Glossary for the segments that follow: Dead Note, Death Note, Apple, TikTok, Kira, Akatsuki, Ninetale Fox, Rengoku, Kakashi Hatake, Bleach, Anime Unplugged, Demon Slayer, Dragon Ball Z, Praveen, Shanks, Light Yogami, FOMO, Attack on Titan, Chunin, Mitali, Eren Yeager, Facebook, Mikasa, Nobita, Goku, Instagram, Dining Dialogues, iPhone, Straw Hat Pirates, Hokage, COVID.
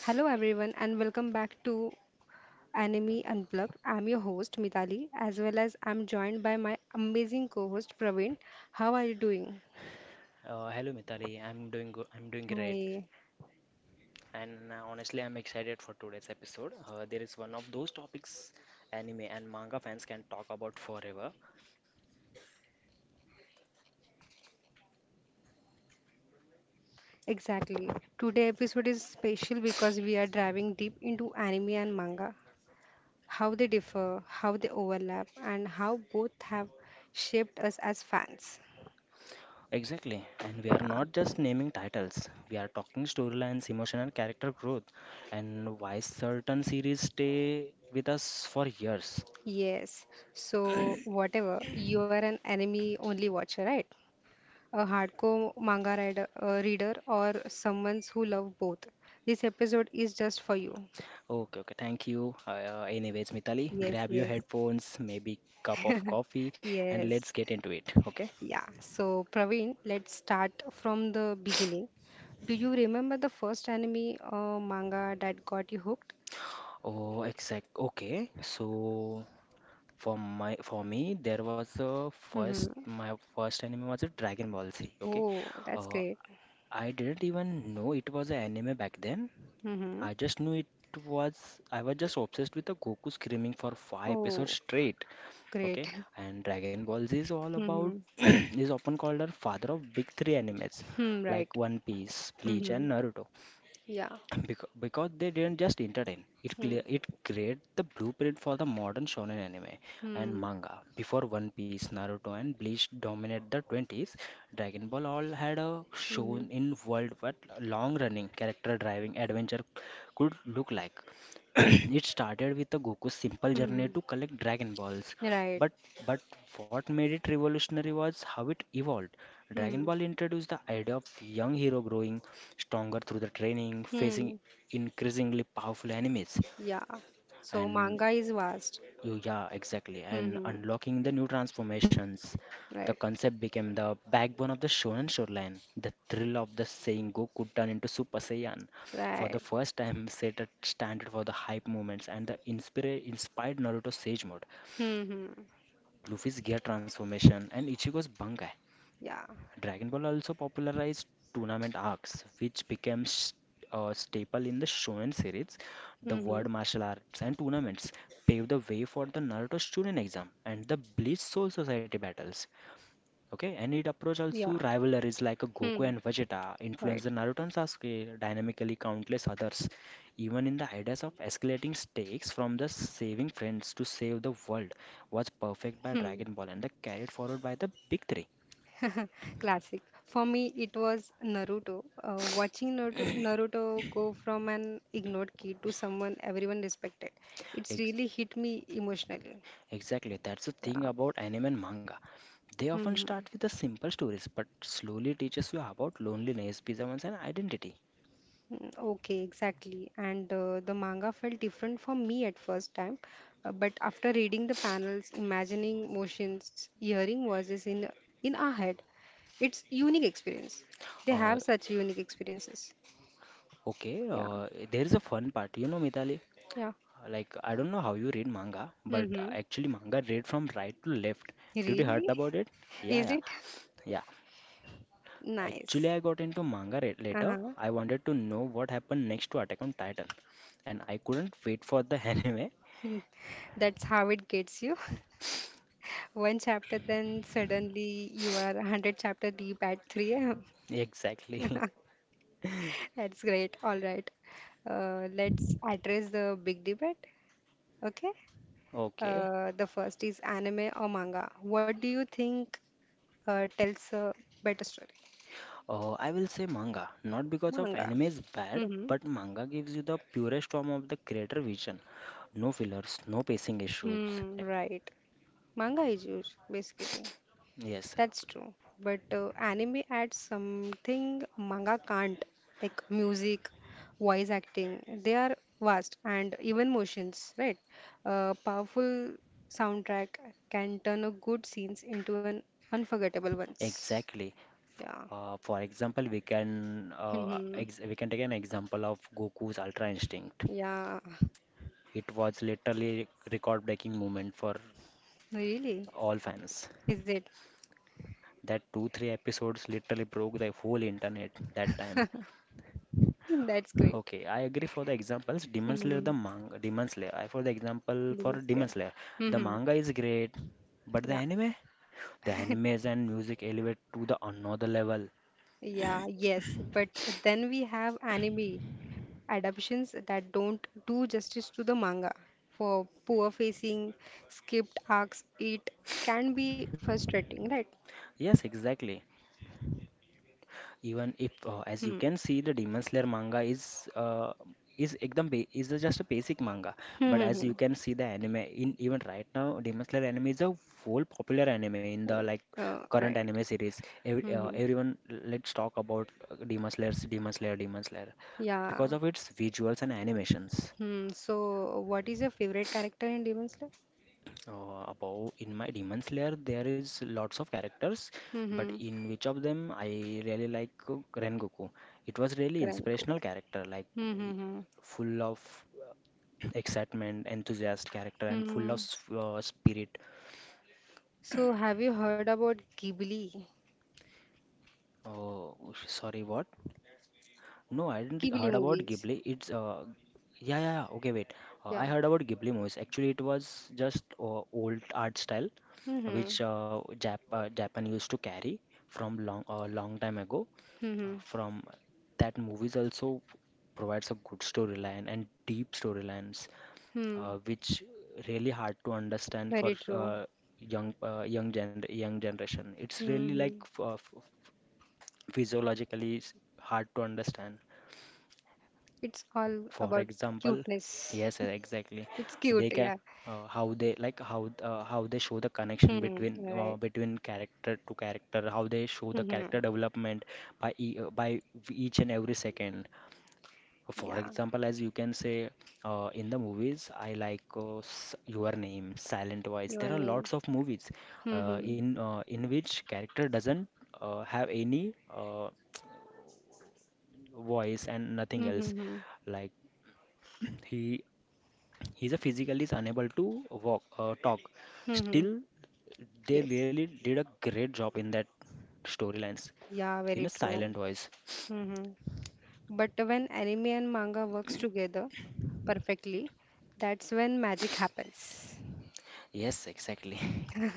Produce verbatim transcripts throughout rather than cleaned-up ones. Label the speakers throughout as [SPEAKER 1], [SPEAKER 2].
[SPEAKER 1] Hello, everyone, and welcome back to Anime Unplugged. I'm your host, Mitali, as well as I'm joined by my amazing co host, Praveen. How are you doing?
[SPEAKER 2] Uh, hello Mitali, I'm doing good. I'm doing great,
[SPEAKER 1] Hi.
[SPEAKER 2] and uh, honestly, I'm excited for today's episode. Uh, there is one of those topics anime and manga fans can talk about forever.
[SPEAKER 1] Exactly. Today episode is special because we are diving deep into anime and manga, how they differ, how they overlap, and how both have shaped us as fans.
[SPEAKER 2] Exactly. And we are not
[SPEAKER 1] Yeah.
[SPEAKER 2] just naming titles, we are talking storylines, emotion, and character growth, and why certain series stay with us for years.
[SPEAKER 1] Yes. So, whatever, you are an anime only watcher, right? A hardcore manga rider, uh, reader, or someone who love both. This episode is just for you.
[SPEAKER 2] Okay, okay, thank you. Uh, uh, anyways, Mitali,
[SPEAKER 1] Yes,
[SPEAKER 2] grab your
[SPEAKER 1] yes,
[SPEAKER 2] headphones, maybe cup of coffee, and
[SPEAKER 1] yes.
[SPEAKER 2] let's get into it. Okay?
[SPEAKER 1] Yeah. So, Praveen, let's start from the beginning. Do you remember the first anime or manga that got you hooked?
[SPEAKER 2] Oh, exact. Okay. So For my for me, there was a
[SPEAKER 1] Mm-hmm.
[SPEAKER 2] first my first anime was a Dragon Ball Z. Okay,
[SPEAKER 1] Oh, that's
[SPEAKER 2] uh,
[SPEAKER 1] great.
[SPEAKER 2] I didn't even know it was an anime back then.
[SPEAKER 1] Mm-hmm.
[SPEAKER 2] I just knew it was I was just obsessed with the Goku screaming for five
[SPEAKER 1] Oh,
[SPEAKER 2] episodes straight.
[SPEAKER 1] great.
[SPEAKER 2] Okay, and Dragon Ball Z is all
[SPEAKER 1] Mm-hmm.
[SPEAKER 2] about is often called our father of big three animes
[SPEAKER 1] Hmm, right.
[SPEAKER 2] like One Piece, Bleach,
[SPEAKER 1] Mm-hmm.
[SPEAKER 2] and Naruto.
[SPEAKER 1] Yeah.
[SPEAKER 2] Because, because they didn't just entertain, it
[SPEAKER 1] Hmm.
[SPEAKER 2] clear, it created the blueprint for the modern shonen anime and
[SPEAKER 1] Hmm.
[SPEAKER 2] manga. Before One Piece, Naruto, and Bleach dominated the twenties, Dragon Ball all had a
[SPEAKER 1] Hmm.
[SPEAKER 2] shown in world what long-running character-driving adventure could look like. It started with a Goku's simple journey
[SPEAKER 1] Hmm.
[SPEAKER 2] to collect Dragon Balls,
[SPEAKER 1] Right.
[SPEAKER 2] but but what made it revolutionary was how it evolved. Dragon
[SPEAKER 1] Hmm.
[SPEAKER 2] Ball introduced the idea of young hero growing stronger through the training, facing
[SPEAKER 1] Hmm.
[SPEAKER 2] increasingly powerful enemies,
[SPEAKER 1] Yeah. So
[SPEAKER 2] and
[SPEAKER 1] manga is vast.
[SPEAKER 2] you- yeah, exactly, and
[SPEAKER 1] Mm-hmm.
[SPEAKER 2] unlocking the new transformations. The
[SPEAKER 1] Right.
[SPEAKER 2] concept became the backbone of the Shonen storyline. The thrill of the saying Goku turned into Super Saiyan for the
[SPEAKER 1] Right.
[SPEAKER 2] first time set a standard for the hype moments and the inspira- inspired Naruto Sage mode,
[SPEAKER 1] Mm-hmm.
[SPEAKER 2] Luffy's gear transformation, and Ichigo's Bankai.
[SPEAKER 1] Yeah.
[SPEAKER 2] Dragon Ball also popularized tournament arcs, which became s- a staple in the shonen series. The
[SPEAKER 1] Mm-hmm.
[SPEAKER 2] word martial arts and tournaments paved the way for the Naruto Chunin exam and the Bleach Soul Society battles. Okay, and it approached
[SPEAKER 1] Yeah.
[SPEAKER 2] also rivalries like Goku
[SPEAKER 1] Hmm.
[SPEAKER 2] and Vegeta, influenced
[SPEAKER 1] Right.
[SPEAKER 2] the Naruto and Sasuke, dynamically countless others. Even in the ideas of escalating stakes from the saving friends to save the world was perfect by
[SPEAKER 1] Hmm.
[SPEAKER 2] Dragon Ball and the carried forward by the big three.
[SPEAKER 1] Classic. For me, it was Naruto. Uh, watching Naruto, Naruto go from an ignored kid to someone everyone respected, it's really hit me emotionally.
[SPEAKER 2] Exactly, that's the
[SPEAKER 1] Yeah.
[SPEAKER 2] thing about anime and manga. They often
[SPEAKER 1] Mm-hmm.
[SPEAKER 2] start with the simple stories, but slowly teaches you about loneliness, perseverance, and identity.
[SPEAKER 1] Mm, okay, exactly. And uh, the manga felt different for me at first time, uh, but after reading the panels, imagining motions, hearing voices in in our head, it's unique experience. They
[SPEAKER 2] Uh,
[SPEAKER 1] have such unique experiences.
[SPEAKER 2] okay,
[SPEAKER 1] Yeah,
[SPEAKER 2] uh, there is a fun part, you know, Mitali.
[SPEAKER 1] yeah.
[SPEAKER 2] Like I don't know how you read manga, but
[SPEAKER 1] Mm-hmm.
[SPEAKER 2] actually manga read from right to left. Did you heard
[SPEAKER 1] Really?
[SPEAKER 2] about it? Yeah,
[SPEAKER 1] Is
[SPEAKER 2] yeah,
[SPEAKER 1] it?
[SPEAKER 2] yeah.
[SPEAKER 1] Nice.
[SPEAKER 2] Actually, I got into manga re- later.
[SPEAKER 1] Uh-huh.
[SPEAKER 2] I wanted to know what happened next to Attack on Titan, and I couldn't wait for the anime.
[SPEAKER 1] That's how it gets you. One chapter, then suddenly you are a hundred chapter deep at three a m.
[SPEAKER 2] Exactly.
[SPEAKER 1] That's great. All right. Uh, let's address the big debate. Okay.
[SPEAKER 2] Okay.
[SPEAKER 1] Uh, the first is anime or manga. What do you think uh, tells a better story?
[SPEAKER 2] Uh, I will say manga, not because of
[SPEAKER 1] Manga.
[SPEAKER 2] anime is bad, but manga gives you the purest form of the creator vision. No fillers, no pacing issues.
[SPEAKER 1] Hmm,
[SPEAKER 2] Eh,
[SPEAKER 1] right. Manga is used basically.
[SPEAKER 2] yes,
[SPEAKER 1] That's true. But uh, anime adds something manga can't, like music, voice acting. They are vast and even motions, right? A powerful soundtrack can turn a good scenes into an unforgettable ones.
[SPEAKER 2] exactly.
[SPEAKER 1] Yeah.
[SPEAKER 2] Uh, for example, we can uh,
[SPEAKER 1] Hmm.
[SPEAKER 2] ex we can take an example of Goku's Ultra Instinct.
[SPEAKER 1] Yeah.
[SPEAKER 2] It was literally record-breaking moment for
[SPEAKER 1] Really?
[SPEAKER 2] all fans.
[SPEAKER 1] Is it?
[SPEAKER 2] That two, three episodes literally broke the whole internet that time.
[SPEAKER 1] That's great.
[SPEAKER 2] Okay, I agree for the examples. Demon Slayer,
[SPEAKER 1] Hmm.
[SPEAKER 2] the manga, Demon Slayer. I for the example
[SPEAKER 1] Demon
[SPEAKER 2] for Demon
[SPEAKER 1] Slayer.
[SPEAKER 2] Slayer, the
[SPEAKER 1] Hmm.
[SPEAKER 2] manga is great, but the
[SPEAKER 1] Yeah.
[SPEAKER 2] anime, the animes and music elevate to the another level.
[SPEAKER 1] Yeah, yes. But then we have anime adaptations that don't do justice to the manga. For poor facing, skipped arcs, it can be frustrating, right?
[SPEAKER 2] Yes, exactly. Even if uh, as you can see the demon slayer manga is uh, is ekdam ba- is a just a basic manga but as
[SPEAKER 1] Hmm.
[SPEAKER 2] you can see the anime in even right now demon slayer anime is a full popular anime in the like
[SPEAKER 1] Uh,
[SPEAKER 2] current
[SPEAKER 1] right.
[SPEAKER 2] anime series. Every, uh,
[SPEAKER 1] Hmm.
[SPEAKER 2] everyone let's talk about uh, demon slayers demon slayer demon slayer because
[SPEAKER 1] Yeah.
[SPEAKER 2] of its visuals and animations.
[SPEAKER 1] Hmm. So, what is your favorite character in Demon Slayer?
[SPEAKER 2] Uh, above in my demons layer, there is lots of characters but
[SPEAKER 1] Mm-hmm.
[SPEAKER 2] in which of them I really like uh, rengoku. It was really
[SPEAKER 1] Grand
[SPEAKER 2] inspirational
[SPEAKER 1] Goku.
[SPEAKER 2] character, like
[SPEAKER 1] Mm-hmm.
[SPEAKER 2] he-
[SPEAKER 1] Hmm.
[SPEAKER 2] full of excitement enthusiast character and
[SPEAKER 1] Hmm.
[SPEAKER 2] full of
[SPEAKER 1] Hmm.
[SPEAKER 2] s- uh, spirit.
[SPEAKER 1] So, have you heard about Ghibli?
[SPEAKER 2] Oh, sorry, what? No, I didn't
[SPEAKER 1] Ghibli
[SPEAKER 2] heard about
[SPEAKER 1] movies.
[SPEAKER 2] ghibli. It's uh, yeah yeah yeah, okay wait, uh,
[SPEAKER 1] Yeah.
[SPEAKER 2] I heard about ghibli movies. Actually it was just uh, old art style
[SPEAKER 1] Mm-hmm.
[SPEAKER 2] which uh, Jap uh, Japan used to carry from long uh, long time ago.
[SPEAKER 1] Mm-hmm.
[SPEAKER 2] From that movies also provides a good storyline and deep storylines,
[SPEAKER 1] Hmm. Hmm.
[SPEAKER 2] uh, which really hard to understand for
[SPEAKER 1] Very true.
[SPEAKER 2] uh, young uh, young gen young generation. It's really like
[SPEAKER 1] Mm-hmm.
[SPEAKER 2] f- uh, f- physiologically s- hard to understand,
[SPEAKER 1] It's all
[SPEAKER 2] for
[SPEAKER 1] about
[SPEAKER 2] example.
[SPEAKER 1] cuteness.
[SPEAKER 2] Yes sir, exactly.
[SPEAKER 1] It's
[SPEAKER 2] They
[SPEAKER 1] cute,
[SPEAKER 2] can
[SPEAKER 1] yeah.
[SPEAKER 2] uh, how they like how uh, how they show the connection
[SPEAKER 1] Hmm,
[SPEAKER 2] between uh,
[SPEAKER 1] right.
[SPEAKER 2] between character to character, how they show the
[SPEAKER 1] Hmm,
[SPEAKER 2] character development by e- uh, by each and every second. For
[SPEAKER 1] yeah.
[SPEAKER 2] example, as you can say, uh, in the movies, I like uh, S- Your Name, Silent Voice. There
[SPEAKER 1] Your
[SPEAKER 2] are lots
[SPEAKER 1] name.
[SPEAKER 2] of movies
[SPEAKER 1] Hmm,
[SPEAKER 2] uh,
[SPEAKER 1] hmm,
[SPEAKER 2] in uh, in which character doesn't uh, have any uh, voice and nothing
[SPEAKER 1] hmm,
[SPEAKER 2] else.
[SPEAKER 1] hmm. Hmm.
[SPEAKER 2] Like he he's a physically is unable to walk uh, talk.
[SPEAKER 1] Hmm, hmm.
[SPEAKER 2] Still, they
[SPEAKER 1] Yes.
[SPEAKER 2] really did a great job in that storylines
[SPEAKER 1] Yeah,
[SPEAKER 2] in
[SPEAKER 1] very
[SPEAKER 2] a
[SPEAKER 1] true.
[SPEAKER 2] silent voice.
[SPEAKER 1] Hmm. Hmm. But when anime and manga works together perfectly, that's when magic happens.
[SPEAKER 2] Yes, exactly.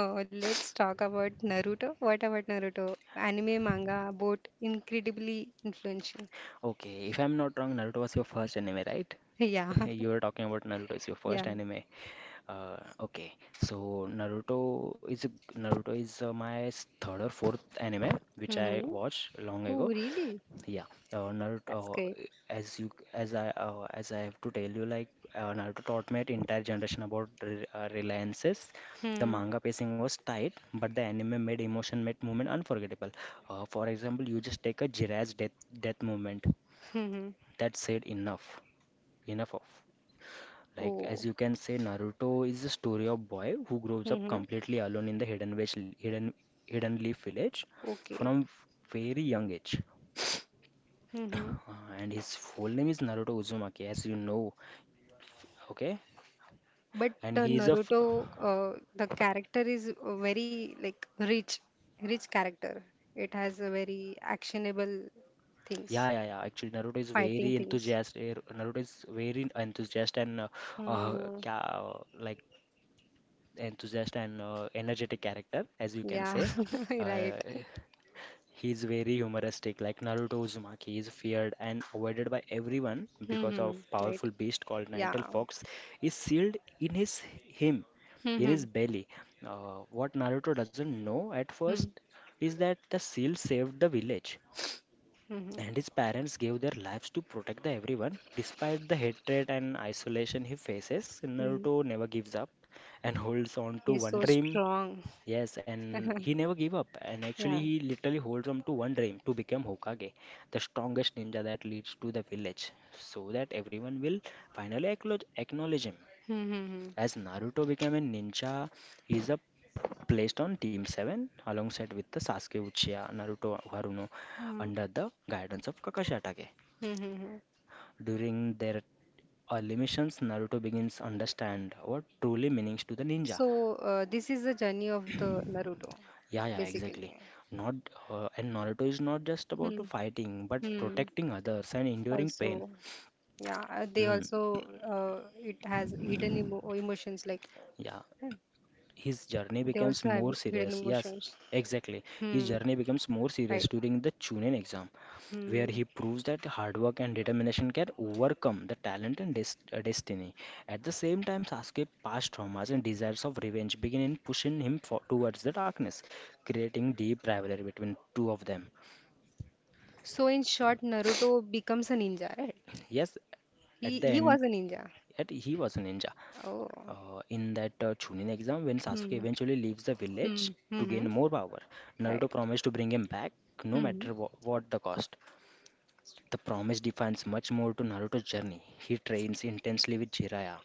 [SPEAKER 1] Oh, let's talk about Naruto. What about Naruto? Anime, manga, both incredibly influential.
[SPEAKER 2] Okay, if I'm not wrong, Naruto was your first anime, right?
[SPEAKER 1] Yeah,
[SPEAKER 2] You were talking about Naruto is your
[SPEAKER 1] yeah.
[SPEAKER 2] first anime. Uh, okay, so Naruto is a, Naruto is uh, my s- third or fourth anime which I
[SPEAKER 1] Mm-hmm.
[SPEAKER 2] watched long
[SPEAKER 1] Oh,
[SPEAKER 2] ago.
[SPEAKER 1] really?
[SPEAKER 2] Yeah, uh, Naruto.
[SPEAKER 1] That's great.
[SPEAKER 2] Uh, as you as I uh, as I have to tell you, like uh, Naruto taught my entire generation about re uh, reliances. The
[SPEAKER 1] Hmm.
[SPEAKER 2] manga pacing was tight, but the anime made emotion, made movement unforgettable. Uh, for example, you just take a Jiraiya's death death moment.
[SPEAKER 1] Hmm.
[SPEAKER 2] That said enough, enough of. Like
[SPEAKER 1] Oh.
[SPEAKER 2] as you can say, Naruto is the story of boy who grows up
[SPEAKER 1] Hmm.
[SPEAKER 2] completely alone in the hidden village, hidden hidden leaf village
[SPEAKER 1] Okay.
[SPEAKER 2] from very young age. Uh,
[SPEAKER 1] Hmm.
[SPEAKER 2] and his full name is Naruto Uzumaki, as you know. Okay,
[SPEAKER 1] But
[SPEAKER 2] and
[SPEAKER 1] uh,
[SPEAKER 2] he is a f-
[SPEAKER 1] Naruto, uh, the character is uh, very like rich, rich character. It has a very actionable
[SPEAKER 2] yeah
[SPEAKER 1] things,
[SPEAKER 2] yeah yeah. Actually, Naruto is
[SPEAKER 1] fighting
[SPEAKER 2] very
[SPEAKER 1] things.
[SPEAKER 2] enthusiastic. Naruto is very enthusiastic and uh, uh,
[SPEAKER 1] Hmm.
[SPEAKER 2] ca- like enthusiastic and uh, energetic character, as you can
[SPEAKER 1] Yeah.
[SPEAKER 2] say.
[SPEAKER 1] Right.
[SPEAKER 2] Uh, He is very humoristic, like Naruto Uzumaki. He is feared and avoided by everyone because
[SPEAKER 1] Hmm.
[SPEAKER 2] of
[SPEAKER 1] Right.
[SPEAKER 2] powerful beast called Ninetale
[SPEAKER 1] Yeah.
[SPEAKER 2] Fox is sealed in his him, in
[SPEAKER 1] Hmm.
[SPEAKER 2] his belly. Uh, what Naruto doesn't know at
[SPEAKER 1] Hmm.
[SPEAKER 2] first is that the seal saved the village,
[SPEAKER 1] Hmm.
[SPEAKER 2] and his parents gave their lives to protect the everyone. Despite the hatred and isolation he faces,
[SPEAKER 1] Hmm.
[SPEAKER 2] Naruto never gives up and holds on to
[SPEAKER 1] He's
[SPEAKER 2] one
[SPEAKER 1] so
[SPEAKER 2] dream.
[SPEAKER 1] strong.
[SPEAKER 2] Yes, and he never gave up. And
[SPEAKER 1] Yeah.
[SPEAKER 2] actually, he literally holds on to one dream to become Hokage, the strongest ninja that leads to the village, so that everyone will finally acknowledge, acknowledge him.
[SPEAKER 1] Hmm. Hmm. Hmm.
[SPEAKER 2] As Naruto became a ninja, he is a placed on Team seven alongside with the Sasuke Uchiha, Naruto Haruno
[SPEAKER 1] Hmm.
[SPEAKER 2] under the guidance of Kakashi Hatake.
[SPEAKER 1] Hmm. Hmm.
[SPEAKER 2] During their early missions, Naruto begins understand what truly means to the ninja.
[SPEAKER 1] So uh, this is the journey of the Naruto,
[SPEAKER 2] Yeah, yeah, exactly.
[SPEAKER 1] basically.
[SPEAKER 2] Not uh, and Naruto is not just about
[SPEAKER 1] Hmm.
[SPEAKER 2] to fighting, but
[SPEAKER 1] Hmm.
[SPEAKER 2] protecting others and enduring pain.
[SPEAKER 1] Also, yeah, uh, they
[SPEAKER 2] Mm,
[SPEAKER 1] also uh, it has hidden emo emotions like
[SPEAKER 2] yeah,
[SPEAKER 1] hmm,
[SPEAKER 2] his journey
[SPEAKER 1] they
[SPEAKER 2] becomes
[SPEAKER 1] also have
[SPEAKER 2] more
[SPEAKER 1] hidden
[SPEAKER 2] serious. Yes,
[SPEAKER 1] emotions.
[SPEAKER 2] exactly. His
[SPEAKER 1] Hmm.
[SPEAKER 2] journey becomes more
[SPEAKER 1] Right.
[SPEAKER 2] serious during the Chunin exam, where
[SPEAKER 1] Hmm.
[SPEAKER 2] he proves that hard work and determination can overcome the talent and des uh, destiny. At the same time, Sasuke past traumas and desires of revenge begin in pushing him for towards the darkness, creating deep rivalry between two of them.
[SPEAKER 1] So in short, Naruto becomes a ninja, right?
[SPEAKER 2] Yes,
[SPEAKER 1] He
[SPEAKER 2] at the
[SPEAKER 1] he
[SPEAKER 2] end,
[SPEAKER 1] was a ninja.
[SPEAKER 2] at, he was a ninja.
[SPEAKER 1] Oh.
[SPEAKER 2] Uh, in that uh, Chunin exam, when Sasuke
[SPEAKER 1] Hmm.
[SPEAKER 2] eventually leaves the
[SPEAKER 1] Hmm.
[SPEAKER 2] village to
[SPEAKER 1] Hmm.
[SPEAKER 2] gain more power, Naruto
[SPEAKER 1] Right.
[SPEAKER 2] promised to bring him back no
[SPEAKER 1] Hmm.
[SPEAKER 2] matter wha- what the cost. The promise defines much more to Naruto's journey. He trains intensely with Jiraiya,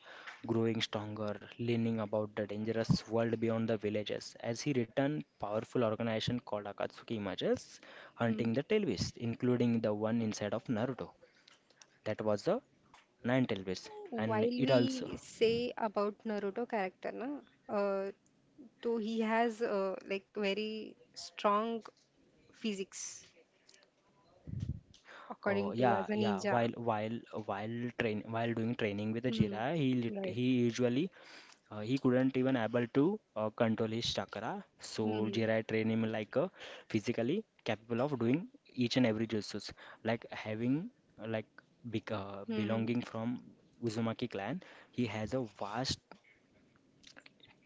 [SPEAKER 2] growing stronger, learning about the dangerous world beyond the villages. As he returns, powerful organization called Akatsuki emerges,
[SPEAKER 1] Hmm.
[SPEAKER 2] hunting the tail beasts, including the one inside of Naruto. That was the nine tailwhips
[SPEAKER 1] While
[SPEAKER 2] and it also
[SPEAKER 1] we say about Naruto character, na, uh, so he has uh, like very strong physics,
[SPEAKER 2] oh
[SPEAKER 1] according to
[SPEAKER 2] yeah
[SPEAKER 1] as a
[SPEAKER 2] yeah
[SPEAKER 1] ninja.
[SPEAKER 2] while while while train while doing training with the
[SPEAKER 1] Hmm.
[SPEAKER 2] Jira he lit-
[SPEAKER 1] Right.
[SPEAKER 2] he usually uh, he couldn't even able to uh, control his chakra, so
[SPEAKER 1] Mm-hmm.
[SPEAKER 2] Jira trained him like a physically capable of doing each and every jutsus, like having uh, like bec- uh,
[SPEAKER 1] Mm-hmm.
[SPEAKER 2] belonging from Uzumaki clan. He has a vast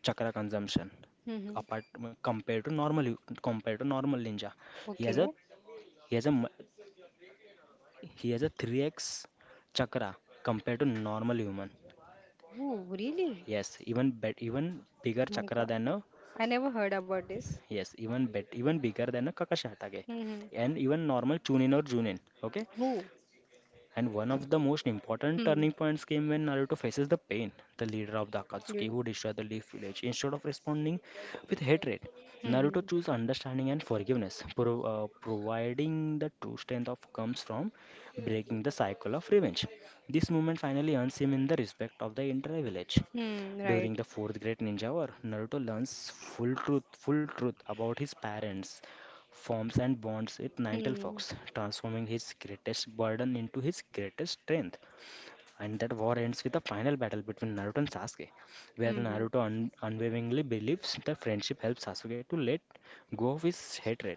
[SPEAKER 2] chakra consumption
[SPEAKER 1] Mm-hmm.
[SPEAKER 2] apart compared to normal compared to normal ninja. he has
[SPEAKER 1] Okay.
[SPEAKER 2] a he has a mu- He has a three x chakra compared to normal human.
[SPEAKER 1] Oh, really?
[SPEAKER 2] Yes, even bet even bigger
[SPEAKER 1] Oh my
[SPEAKER 2] chakra
[SPEAKER 1] God.
[SPEAKER 2] than a
[SPEAKER 1] I never heard about this.
[SPEAKER 2] yes, even bet even bigger than a kakashatake.
[SPEAKER 1] Mm-hmm.
[SPEAKER 2] And even normal Chunin or Junin. Okay.
[SPEAKER 1] Oh.
[SPEAKER 2] And one of the most important
[SPEAKER 1] Hmm.
[SPEAKER 2] turning points came when Naruto faces the pain, the leader of the Akatsuki
[SPEAKER 1] You-
[SPEAKER 2] who destroyed the Leaf Village. Instead of responding with hatred,
[SPEAKER 1] Hmm.
[SPEAKER 2] Naruto chose understanding and forgiveness, pro- uh, providing the true strength of comes from breaking the cycle of revenge. This moment finally earns him in the respect of the entire village.
[SPEAKER 1] Hmm. Right.
[SPEAKER 2] During the fourth great ninja war, Naruto learns full truth, full truth about his parents, forms and bonds with Nintel
[SPEAKER 1] Hmm.
[SPEAKER 2] Fox, transforming his greatest burden into his greatest strength. And that war ends with a final battle between Naruto and Sasuke, where
[SPEAKER 1] Hmm.
[SPEAKER 2] Naruto un- unwaveringly believes that friendship helps Sasuke to let go of his hatred.